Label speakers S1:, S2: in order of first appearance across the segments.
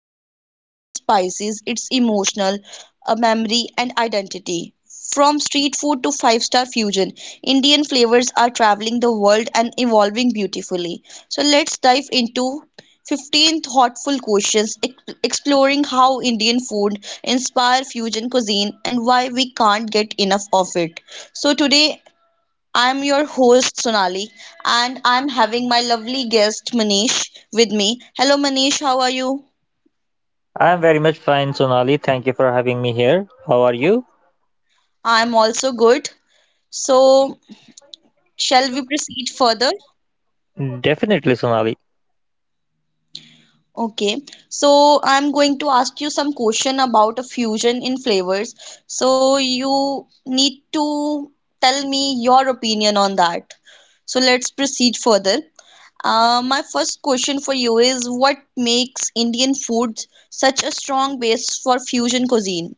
S1: cuisine is more than spices, it's emotional, a memory and identity. From street food to five-star fusion, Indian flavors are traveling the world and evolving beautifully. So let's dive into 15 thoughtful questions exploring how Indian food inspire fusion cuisine and why we can't get enough of it. So today I am your host Sonali and I am having my lovely guest Manish with me. Hello Manish, how are you?
S2: I'm very much fine, Sonali. Thank you for having me here. How are you?
S1: I am also good. So shall we proceed further?
S2: Definitely, Sonali.
S1: Okay, so I'm going to ask you some question about a fusion in flavors. So you need to tell me your opinion on that. So let's proceed further. My first question for you is what makes Indian food such a strong base for fusion cuisine?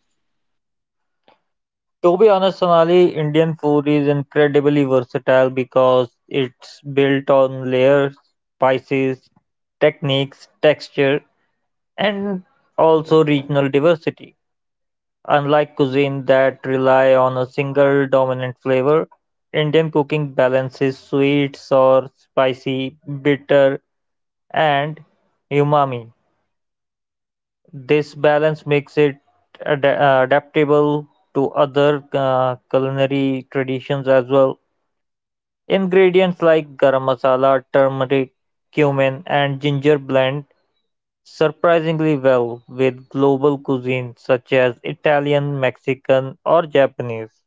S2: To be honest, Sonali, Indian food is incredibly versatile because it's built on layers, spices, techniques, texture, and also regional diversity. Unlike cuisine that rely on a single dominant flavor, Indian cooking balances sweet, sour, spicy, bitter, and umami. This balance makes it adaptable to other culinary traditions as well. Ingredients like garam masala, turmeric, cumin, and ginger blend surprisingly well with global cuisines such as Italian, Mexican, or Japanese.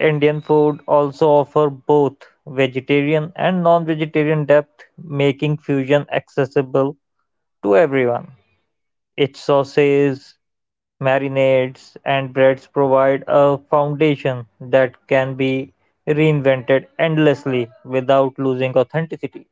S2: Indian food also offer both vegetarian and non-vegetarian depth, making fusion accessible to everyone. Its sauces, marinades and breads provide a foundation that can be reinvented endlessly without losing authenticity.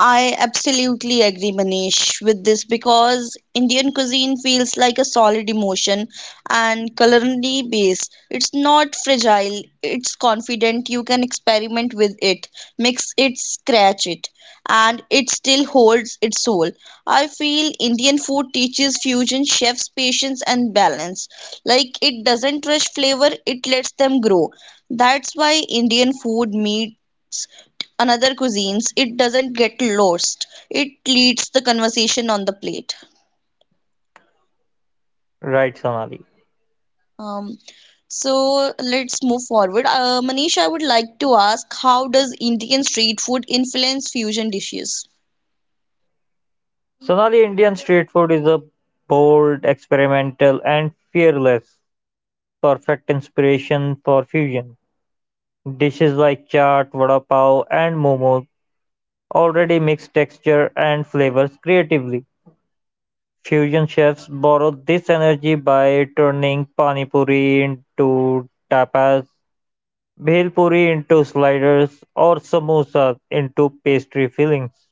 S1: I absolutely agree, Manish, with this because Indian cuisine feels like a solid emotion and culinary base. It's not fragile, it's confident. You can experiment with it, mix it, scratch it, and it still holds its soul. I feel Indian food teaches fusion chefs patience and balance. Like it doesn't rush flavor, it lets them grow. That's why Indian food meets another cuisines, it doesn't get lost. It leads the conversation on the plate.
S2: Right, Sonali.
S1: Um, so let's move forward. Manish, I would like to ask, how does Indian street food influence fusion dishes?
S2: Sonali, Indian street food is a bold, experimental, and fearless, perfect inspiration for fusion. Dishes like chaat, vada pav, and momos already mix texture and flavors creatively. Fusion chefs borrow this energy by turning pani puri into tapas, bhel puri into sliders or samosas into pastry fillings.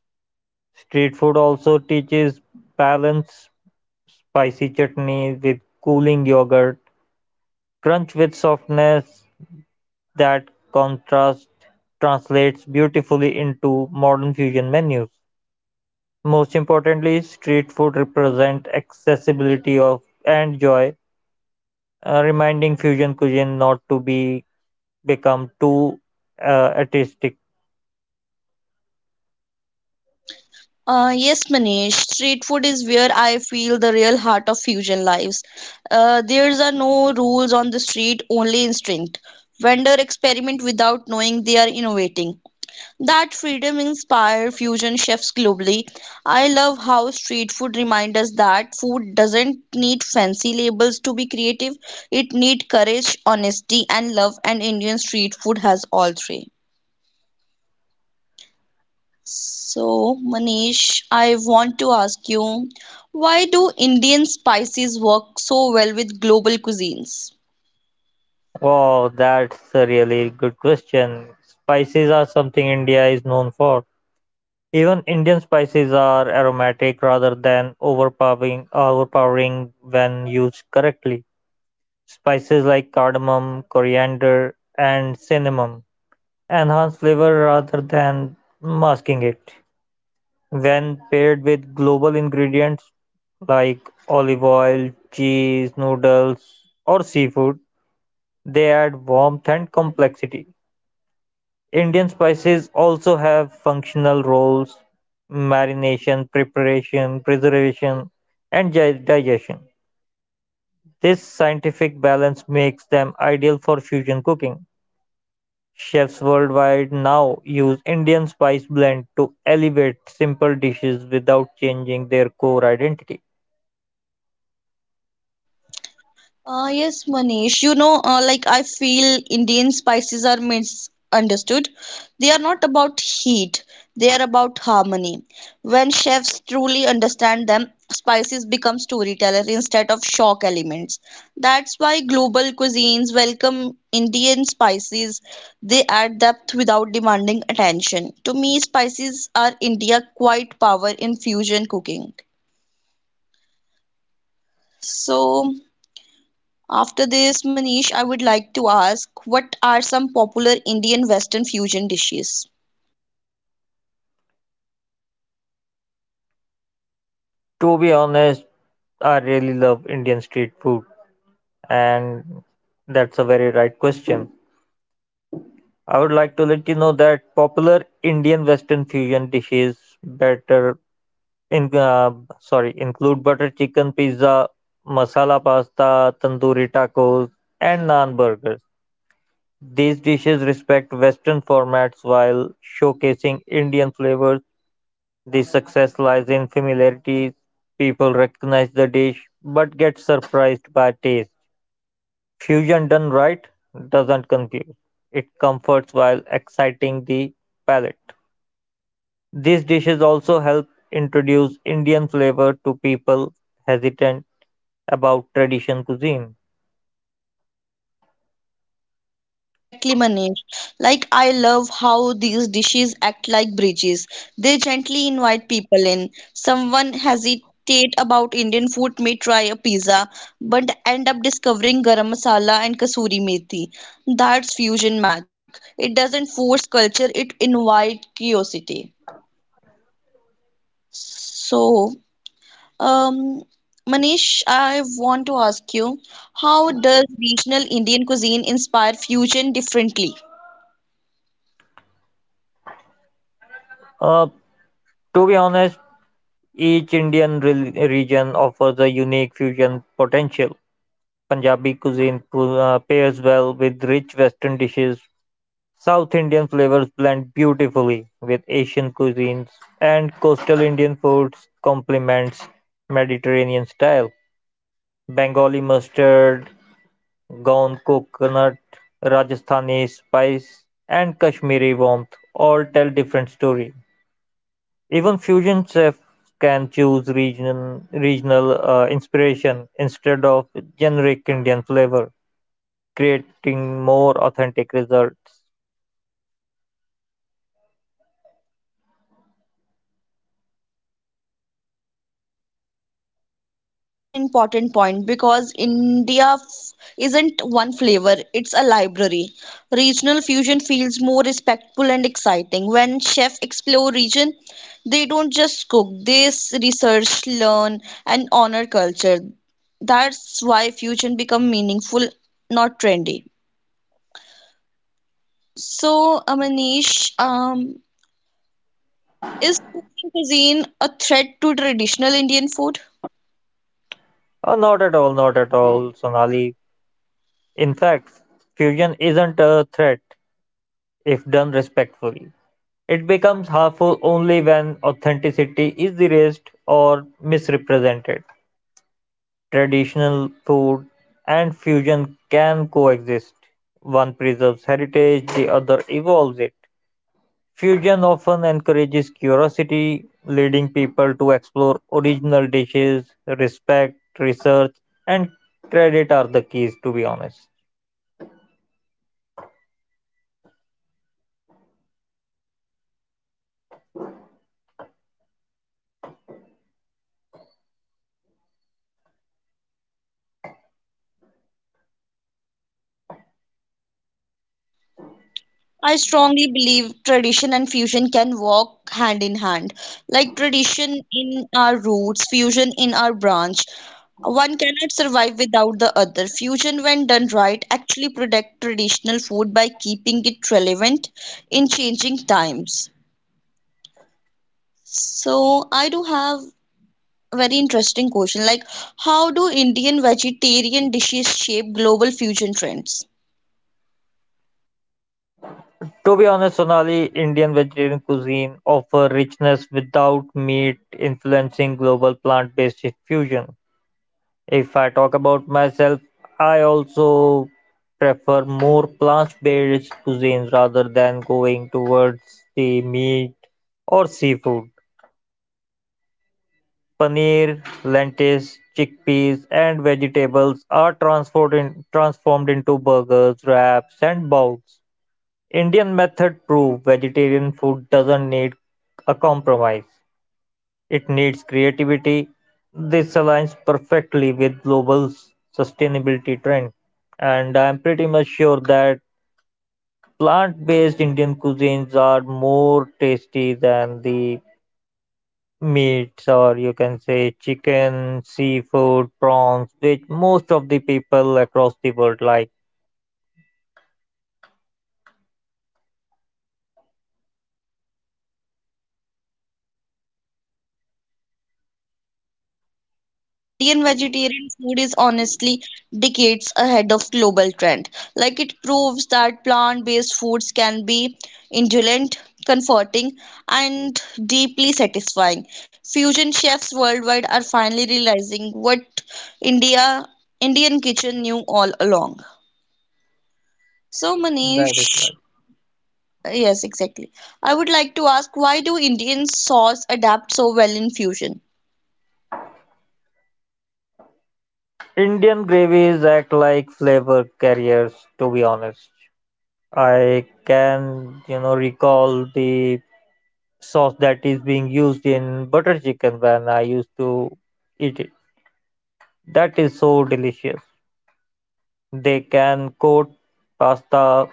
S2: Street food also teaches balance, spicy chutney with cooling yogurt, crunch with softness. That contrast translates beautifully into modern fusion menus. Most importantly, street food represents accessibility of and joy, reminding fusion cuisine not to be become too artistic.
S1: Yes, Manish, street food is where I feel the real heart of fusion lives. There's are no rules on the street, only instinct. Vendor experiment without knowing they are innovating. That freedom inspired fusion chefs globally. I love how street food reminds us that food doesn't need fancy labels to be creative. It needs courage, honesty, and love, and Indian street food has all three. So, Manish, I want to ask you, why do Indian spices work so well with global cuisines?
S2: Wow, that's a really good question. Spices are something India is known for. Even Indian spices are aromatic rather than overpowering when used correctly. Spices like cardamom, coriander, and cinnamon enhance flavor rather than masking it. When paired with global ingredients like olive oil, cheese, noodles, or seafood, they add warmth and complexity. Indian spices also have functional roles: marination, preparation, preservation, and digestion. This scientific balance makes them ideal for fusion cooking. Chefs worldwide now use Indian spice blend to elevate simple dishes without changing their core identity.
S1: Yes, Manish. Like I feel Indian spices are misunderstood. They are not about heat, they are about harmony. When chefs truly understand them, spices become storytellers instead of shock elements. That's why global cuisines welcome Indian spices. They add depth without demanding attention. To me, spices are India's quiet power in fusion cooking. So, after this, Manish, I would like to ask what are some popular Indian Western fusion dishes?
S2: To be honest, I really love Indian street food, and that's a very right question. I would like to let you know that popular Indian Western fusion dishes better in sorry include butter chicken pizza, masala pasta, tandoori tacos, and naan burgers. These dishes respect Western formats while showcasing Indian flavors. The success lies in familiarity. People recognize the dish but get surprised by taste. Fusion done right doesn't confuse. It comforts while exciting the palate. These dishes also help introduce Indian flavor to people hesitant about tradition cuisine.
S1: Exactly, Manish. Like, I love how these dishes act like bridges. They gently invite people in. Someone hesitate about Indian food may try a pizza, but end up discovering garam masala and kasuri methi. That's fusion magic. It doesn't force culture, it invites curiosity. So, Um, Manish, I want to ask you, how does regional Indian cuisine inspire fusion differently?
S2: Uh, to be honest, each Indian region offers a unique fusion potential. Punjabi cuisine pairs well with rich Western dishes. South Indian flavors blend beautifully with Asian cuisines, and coastal Indian foods complements Mediterranean style. Bengali mustard gown, coconut, Rajasthani spice and Kashmiri warmth all tell different story. Even fusion chefs can choose regional inspiration instead of generic Indian flavor, creating more authentic results.
S1: Yes, this is such an important point because India isn't one flavor, it's a library. Regional fusion feels more respectful and exciting. When chefs explore region, they don't just cook, they research, learn, and honor culture. That's why fusion become meaningful, not trendy. So, Manish, is fusion cuisine a threat to traditional Indian food?
S2: Not at all, not at all, Sonali. In fact, fusion isn't a threat if done respectfully. It becomes harmful only when authenticity is erased or misrepresented. Traditional food and fusion can coexist; one preserves heritage, the other evolves it. Fusion often encourages curiosity, leading people to explore original dishes. Respect, research, and credit are the keys, to be honest.
S1: I strongly believe tradition and fusion can walk hand in hand. Like tradition in our roots, fusion in our branch. One cannot survive without the other. Fusion, when done right, actually protect traditional food by keeping it relevant in changing times. So, I do have very interesting question. Like, how do Indian vegetarian dishes shape global fusion trends?
S2: To be honest, Sonali, Indian vegetarian cuisine offers richness without meat, influencing global plant-based fusion. If I talk about myself, I also prefer more plant-based cuisines rather than going towards the meat or seafood. Paneer, lentils, chickpeas, and vegetables are transformed into burgers, wraps, and bowls. Indian method prove vegetarian food doesn't need a compromise. It needs creativity; this aligns perfectly with global sustainability trend. And I'm pretty much sure that plant-based Indian cuisines are more tasty than the meats or you can say chicken, seafood, prawns, which most of the people across the world like.
S1: Absolutely, Manish. Indian vegetarian food is honestly decades ahead of global trend. Like it proves that plant-based foods can be indulgent, comforting, and deeply satisfying. Fusion chefs worldwide are finally realizing what India Indian kitchen knew all along. So,
S2: That is
S1: Manish,
S2: right.
S1: yes, exactly. I would like to ask why do Indian sauce adapt so well in fusion?
S2: Indian gravies act like flavor carriers, to be honest. I can recall the sauce that is being used in butter chicken when I used to eat it. That is so delicious. They can coat pasta,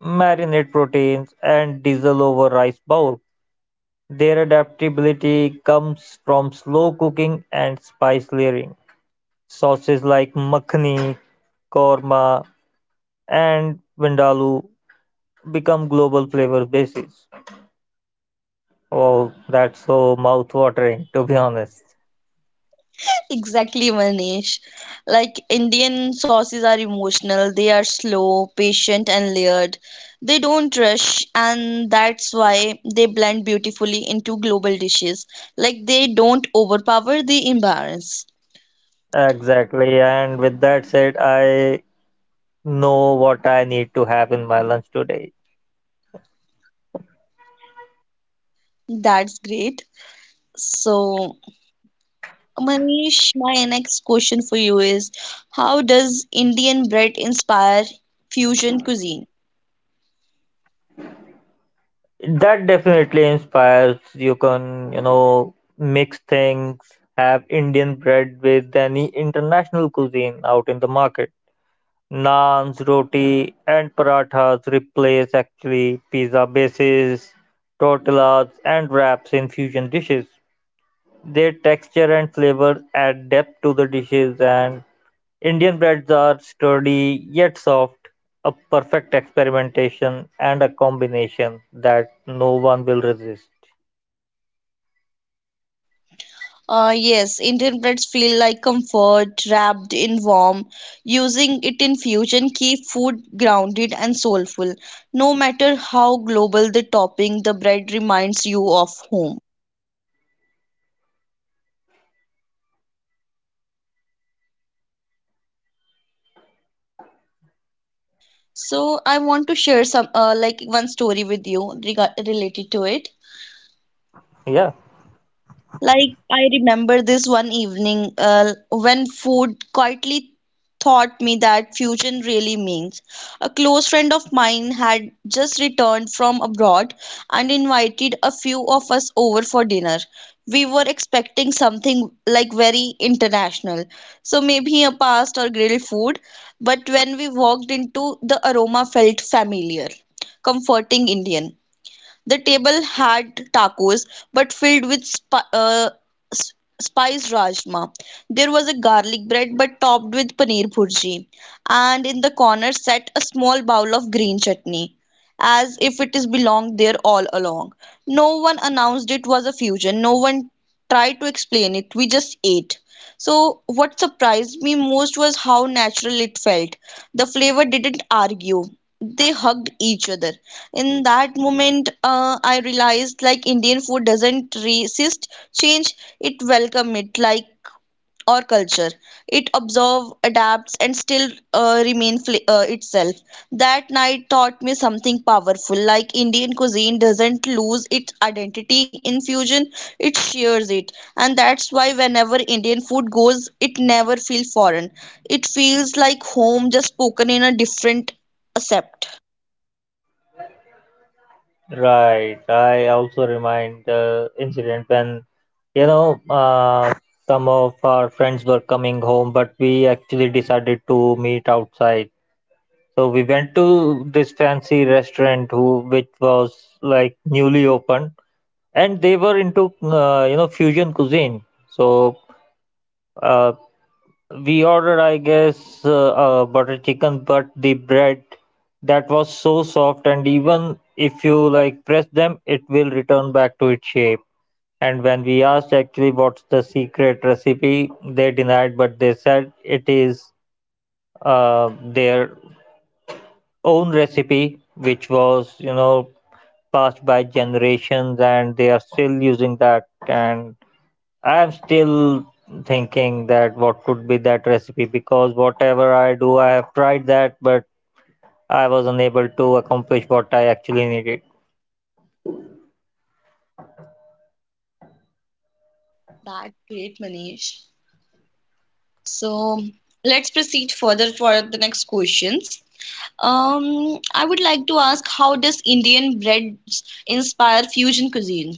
S2: marinate proteins, and diesel over rice bowl. Their adaptability comes from slow cooking and spice layering. Sauces like makhani, korma, and vindaloo become global flavor bases. Oh, that's so mouth-watering, to be honest.
S1: Exactly, Manish. Like Indian sauces are emotional, they are slow, patient, and layered. They don't rush, and that's why they blend beautifully into global dishes. Like they don't overpower, they imbalance.
S2: Exactly, and with that said, I know what I need to have in my lunch today.
S1: That's great. So, Manish, my next question for you is, how does Indian bread inspire fusion cuisine?
S2: That definitely inspires. You can mix things, have Indian bread with any international cuisine out in the market. Naans, roti, and parathas replace actually pizza bases, tortillas, and wraps in fusion dishes. Their texture and flavor add depth to the dishes, and Indian breads are sturdy yet soft, a perfect experimentation and a combination that no one will resist.
S1: Yes, Indian breads feel like comfort wrapped in warm. Using it in fusion keep food grounded and soulful. No matter how global the topping, the bread reminds you of home. So I want to share some one story with you related to it.
S2: Yeah,
S1: Like, I remember this one evening when food quietly taught me that fusion really means. A close friend of mine had just returned from abroad and invited a few of us over for dinner. We were expecting something like very international, so maybe a past or grilled food, but when we walked into, the aroma felt familiar, comforting Indian. The table had tacos, but filled with s- spiced rajma. There was a garlic bread, but topped with paneer bhurji. And in the corner sat a small bowl of green chutney, as if it is belonged there all along. No one announced it was a fusion. No one tried to explain it. We just ate. So, what surprised me most was how natural it felt. The flavor didn't argue, they hugged each other in that moment, I realized like Indian food doesn't resist change, it welcomes it like our culture. It absorb adapts and still remain itself. That night taught me something powerful. Like Indian cuisine doesn't lose its identity in fusion, it shares it, and that's why whenever Indian food goes it never feels foreign. It feels like home, just spoken in a different accept.
S2: right. I also remind the incident when, you know, uh, some of our friends were coming home, but we actually decided to meet outside. So we went to this fancy restaurant who which was like newly opened, and they were into fusion cuisine. So. uh, We ordered, I guess, butter chicken, but the bread that was so soft, and even if you like press them, it will return back to its shape. And when we asked actually what's the secret recipe, they denied, but they said it is their own recipe, which was passed by generations, and they are still using that. And I'm still thinking that what could be that recipe because whatever I do, I have tried that, but I was unable to accomplish what I actually needed.
S1: That great, Manish. So let's proceed further for the next questions. I would like to ask, how does Indian breads inspire fusion cuisine?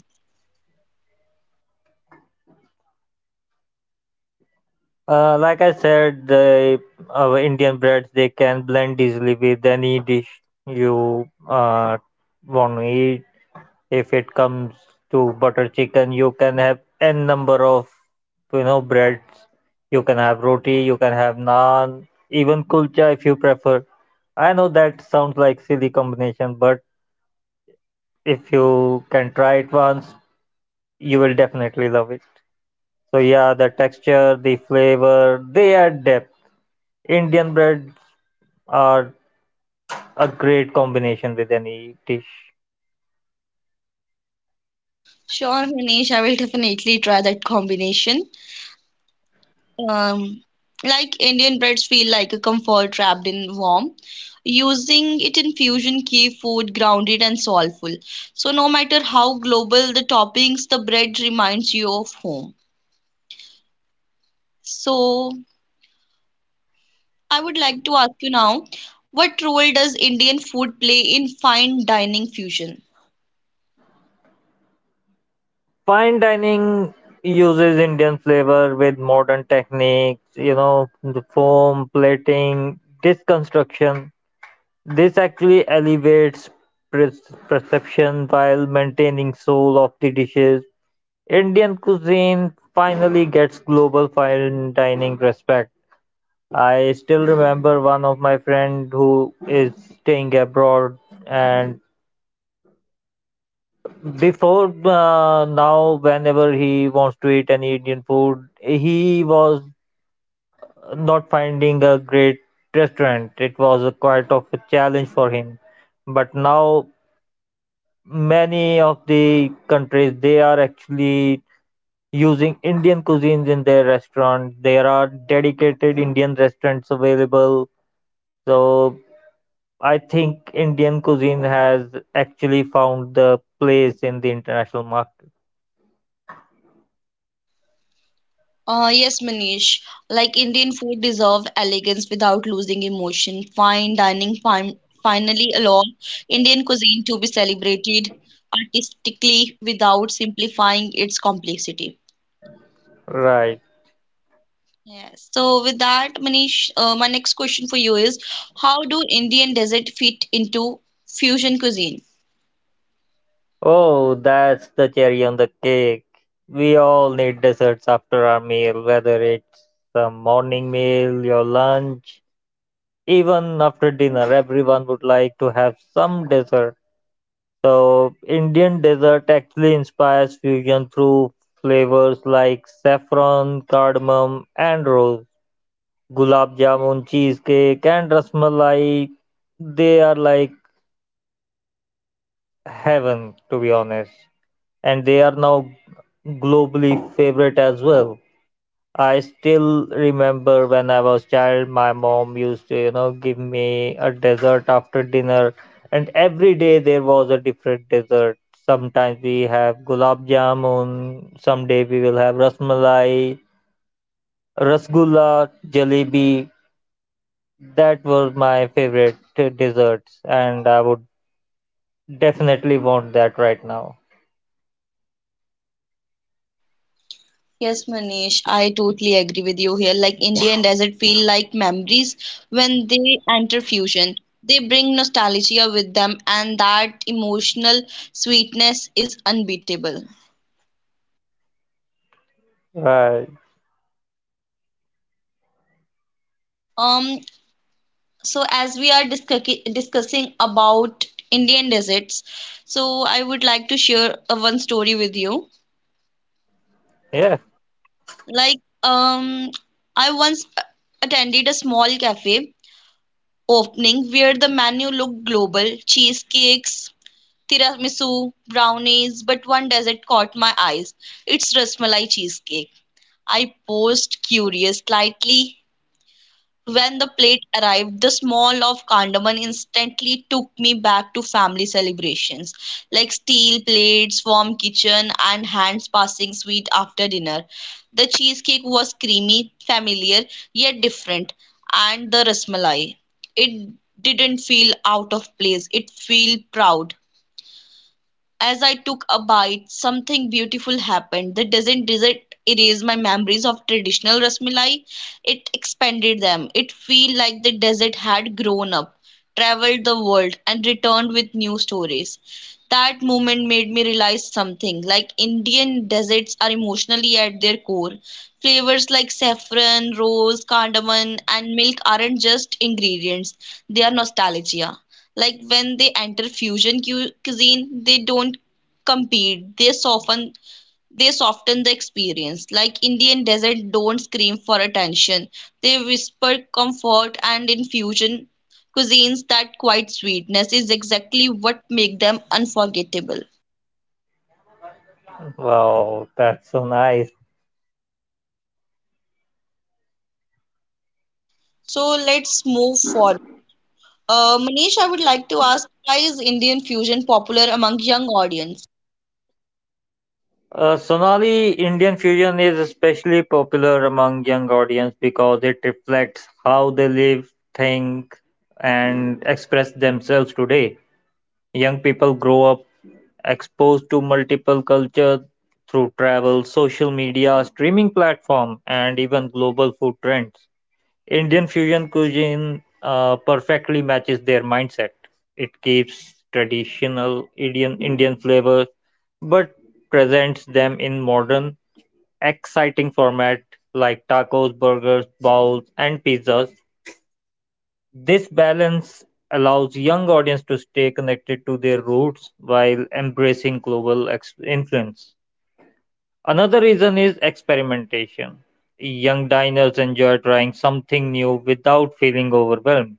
S2: Like I said, the Indian breads they can blend easily with any dish you want to eat. If it comes to butter chicken, you can have n number of breads. You can have roti, you can have naan, even kulcha if you prefer. I know that sounds like silly combination, but if you can try it once, you will definitely love it. So yeah, the texture, the flavor, they add depth. Indian breads are a great combination with any dish.
S1: Sure, Manish, I will definitely try that combination. Um, like Indian breads feel like a comfort wrapped in warmth. Using it in fusion keep food grounded and soulful. So no matter how global the toppings, the bread reminds you of home. So I would like to ask you now, what role does Indian food play in fine dining fusion?
S2: Fine dining uses Indian flavor with modern techniques, the foam, plating, dish construction. This actually elevates pre- perception while maintaining soul of the dishes. Indian cuisine finally gets global fine dining respect. I still remember one of my friend who is staying abroad, and before now, whenever he wants to eat any Indian food, he was not finding a great restaurant. It was a quite of a challenge for him. But now, many of the countries they are actually using Indian cuisines in their restaurant. There are dedicated Indian restaurants available. So I think Indian cuisine has actually found the place in the international market.
S1: Yes, Manish. Like Indian food deserve elegance without losing emotion. Fine dining finally allow Indian cuisine to be celebrated artistically without simplifying its complexity.
S2: Right.
S1: Yes. So with that, Manish, my next question for you is, how do Indian desert fit into fusion cuisine?
S2: Oh, that's the cherry on the cake. We all need desserts after our meal, whether it's a morning meal, your lunch, even after dinner, everyone would like to have some dessert. So, Indian dessert actually inspires fusion through flavors like saffron, cardamom, and rose. Gulab jamun, cheesecake, and rasmalai, they are like heaven, to be honest. And they are now globally favorite as well. I still remember when I was child, my mom used to give me a dessert after dinner, and every day there was a different dessert. Sometimes we have gulab jamun, someday we will have rasmalai, rasgulla, jalebi. That were my favorite desserts, and I would definitely want that right now.
S1: Yes, Manish, I totally agree with you here. Like Indian desert feel like memories when they enter fusion. They bring nostalgia with them, and that emotional sweetness is unbeatable.
S2: Right.
S1: Um, so as we are discussing about Indian deserts, so I would like to share one story with you.
S2: Yeah.
S1: Like, um, I once attended a small cafe opening where the menu looked global cheesecakes, tiramisu, brownies, but one dessert caught my eyes. It's rasmalai cheesecake. I paused, curious, slightly when the plate arrived, the smell of cardamom instantly took me back to family celebrations, like steel plates, warm kitchen, and hands passing sweet after dinner. The cheesecake was creamy, familiar, yet different, and the rasmalai. It didn't feel out of place, it felt proud. As I took a bite, something beautiful happened. The doesn't dessert erase my memories of traditional rasmalai. It expanded them. It felt like the desert had grown up, traveled the world, and returned with new stories. That moment made me realize something. Like Indian deserts are emotionally at their core. Flavors like saffron, rose, cardamom, and milk aren't just ingredients. They are nostalgia. Like when they enter fusion cuisine, they don't compete. They soften the experience. Like Indian desert don't scream for attention. They whisper comfort and in fusion cuisines that quiet sweetness is exactly what make them unforgettable.
S2: Wow, that's so nice.
S1: So let's move forward. Manish, I would like to ask why is Indian fusion popular among young audience?
S2: Sonali, Indian fusion is especially popular among young audience because it reflects how they live, think, and express themselves today. Young people grow up exposed to multiple cultures through travel, social media, streaming platform, and even global food trends. Indian fusion cuisine perfectly matches their mindset. It keeps traditional Indian flavors but presents them in modern, exciting format like tacos, burgers, bowls, and pizzas. This balance allows young audience to stay connected to their roots while embracing global influence. Another reason is experimentation. Young diners enjoy trying something new without feeling overwhelmed.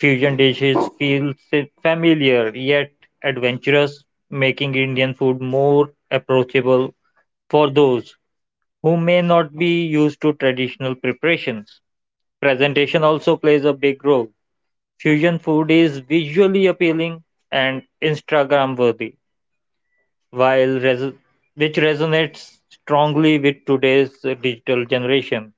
S2: Fusion dishes feel familiar yet adventurous, making Indian food more approachable for those who may not be used to traditional preparations. Presentation also plays a big role. Fusion food is visually appealing and Instagram worthy, while res- which resonates strongly with today's digital generation.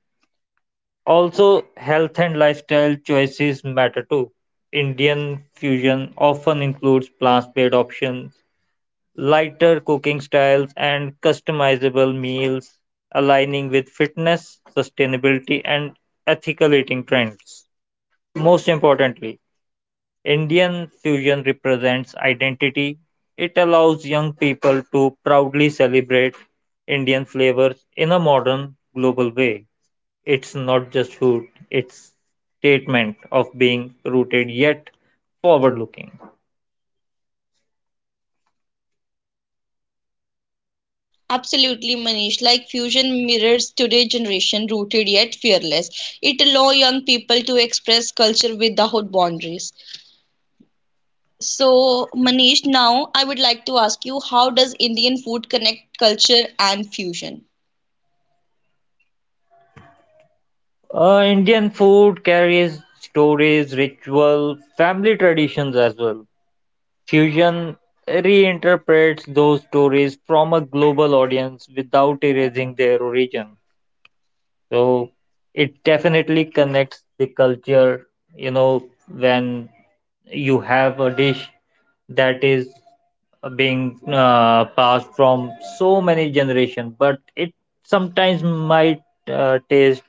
S2: Also, health and lifestyle choices matter too. Indian fusion often includes plant-based options, lighter cooking styles, and customizable meals, aligning with fitness, sustainability, and ethical eating trends. Most importantly, Indian fusion represents identity. It allows young people to proudly celebrate Indian flavors in a modern, global way. It's not just food, it's statement of being rooted yet forward looking.
S1: Absolutely, Manish. Like fusion mirrors today's generation, rooted yet fearless. It allows young people to express culture without boundaries. So, Manish, now I would like to ask you, how does Indian food connect culture and fusion?
S2: Indian food carries stories, ritual, family traditions as well. Fusion reinterprets those stories from a global audience without erasing their origin. So it definitely connects the culture, when you have a dish that is being passed from so many generations, but it sometimes might taste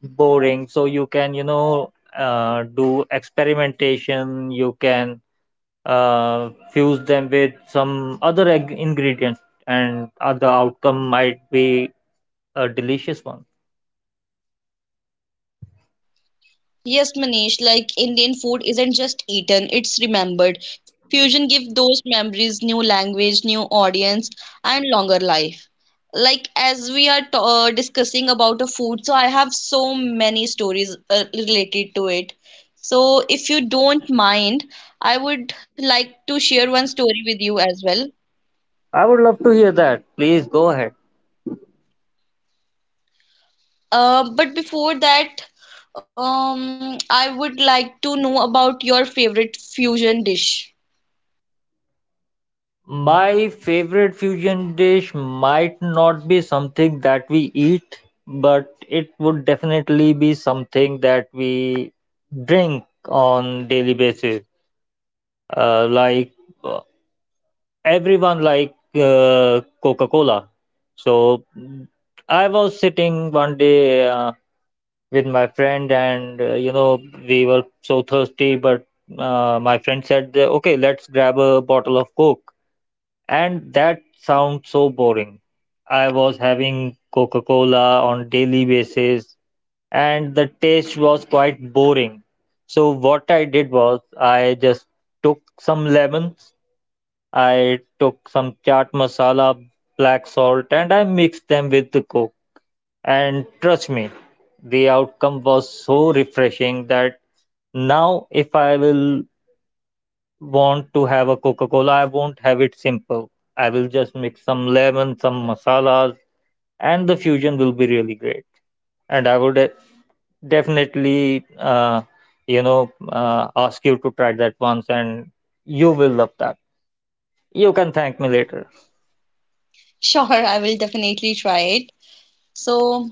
S2: boring. So you can do experimentation, you can fuse them with some other ingredients, and the outcome might be a delicious one.
S1: Yes, Manish, like Indian food isn't just eaten, it's remembered. Fusion gives those memories new language, new audience, and longer life. Like as we are discussing about a food, so I have so many stories related to it. So if you don't mind, I would like to share one story with you as well.
S2: I would love to hear that. Please go ahead.
S1: But before that, I would like to know about your favorite fusion dish.
S2: My favorite fusion dish might not be something that we eat, but it would definitely be something that we drink on daily basis. Like uh, everyone like Coca-Cola. So I was sitting one day. With my friend, and we were so thirsty. But my friend said that, "Okay, let's grab a bottle of Coke." And that sounds so boring. I was having Coca-Cola on daily basis, and the taste was quite boring. So what I did was I just took some lemons, I took some chaat masala, black salt, and I mixed them with the Coke, and trust me, the outcome was so refreshing that now if I will want to have a Coca-Cola, I won't have it simple. I will just mix some lemon, some masalas, and the fusion will be really great. And I would definitely, ask you to try that once, and you will love that. You can thank me later.
S1: Sure, I will definitely try it. So,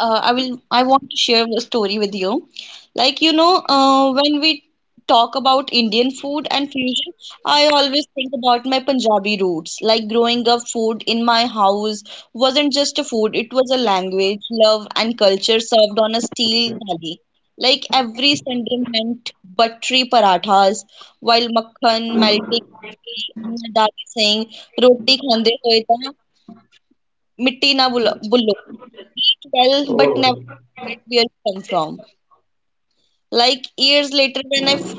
S1: I will. I want to share a story with you. Like, when we talk about Indian food and fusion, I always think about my Punjabi roots. Like growing up, food in my house wasn't just a food; it was a language, love, and culture served on a steel thali. Like every Sunday meant buttery parathas, while makhan melting, ghee, and my dad saying roti khande hoye tha Mitti na bulo. Well, but never
S2: Oh,
S1: forget where it come from. Like years later, when I first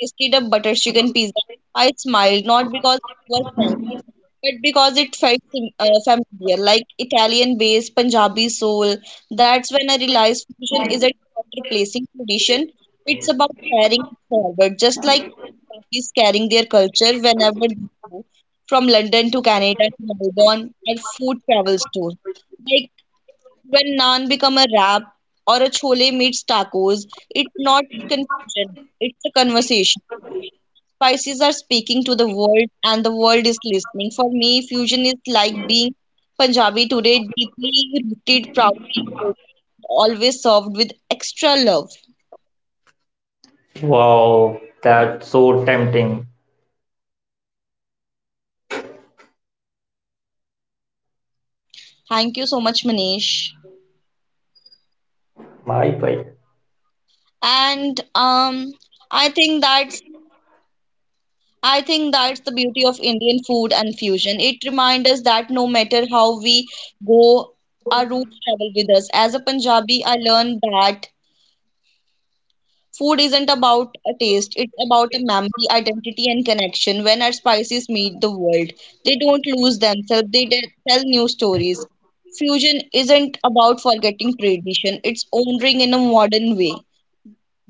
S1: tasted a butter chicken pizza, I smiled not because it was fancy, but because it felt familiar, like Italian base, Punjabi soul. That's when I realized fusion isn't about replacing tradition, it's about carrying it forward, just like countries carrying their culture whenever they go, from London to Canada to Melbourne, our food travels too. When naan become a wrap or a chole meets tacos, it's not confusion, it's a conversation. Spices are speaking to the world and the world is listening. For me, fusion is like being Punjabi today, deeply rooted, proudly spoken, always served with extra love.
S2: wow, that's so tempting.
S1: Thank you so much, Manish.
S2: Bye bye.
S1: And I think that's the beauty of Indian food and fusion. It reminds us that no matter how we go, our roots travel with us. As a Punjabi, I learned that food isn't about a taste, it's about a memory, identity, and connection. When our spices meet the world, they don't lose themselves, they tell new stories. Fusion isn't about forgetting tradition, it's honoring in a modern way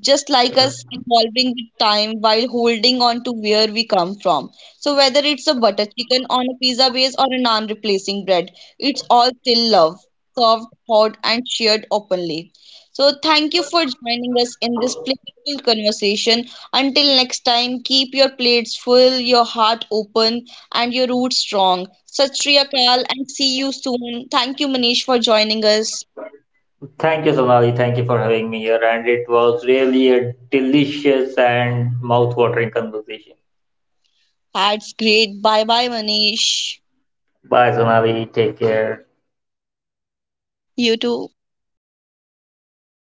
S1: just like us evolving with time while holding on to where we come from. So whether it's a butter chicken on a pizza base or a naan replacing bread, it's all still love, served, hot, and shared openly. So thank you for joining us in this playful conversation. Until next time, keep your plates full, your heart open, and your roots strong. Sat Shri Akal, and see you soon. Thank you, Manish, for joining us.
S2: Thank you, Sonali. Thank you for having me here. And it was really a delicious and mouth-watering conversation.
S1: That's great. Bye bye, Manish.
S2: Bye, Sonali. Take care.
S1: You too.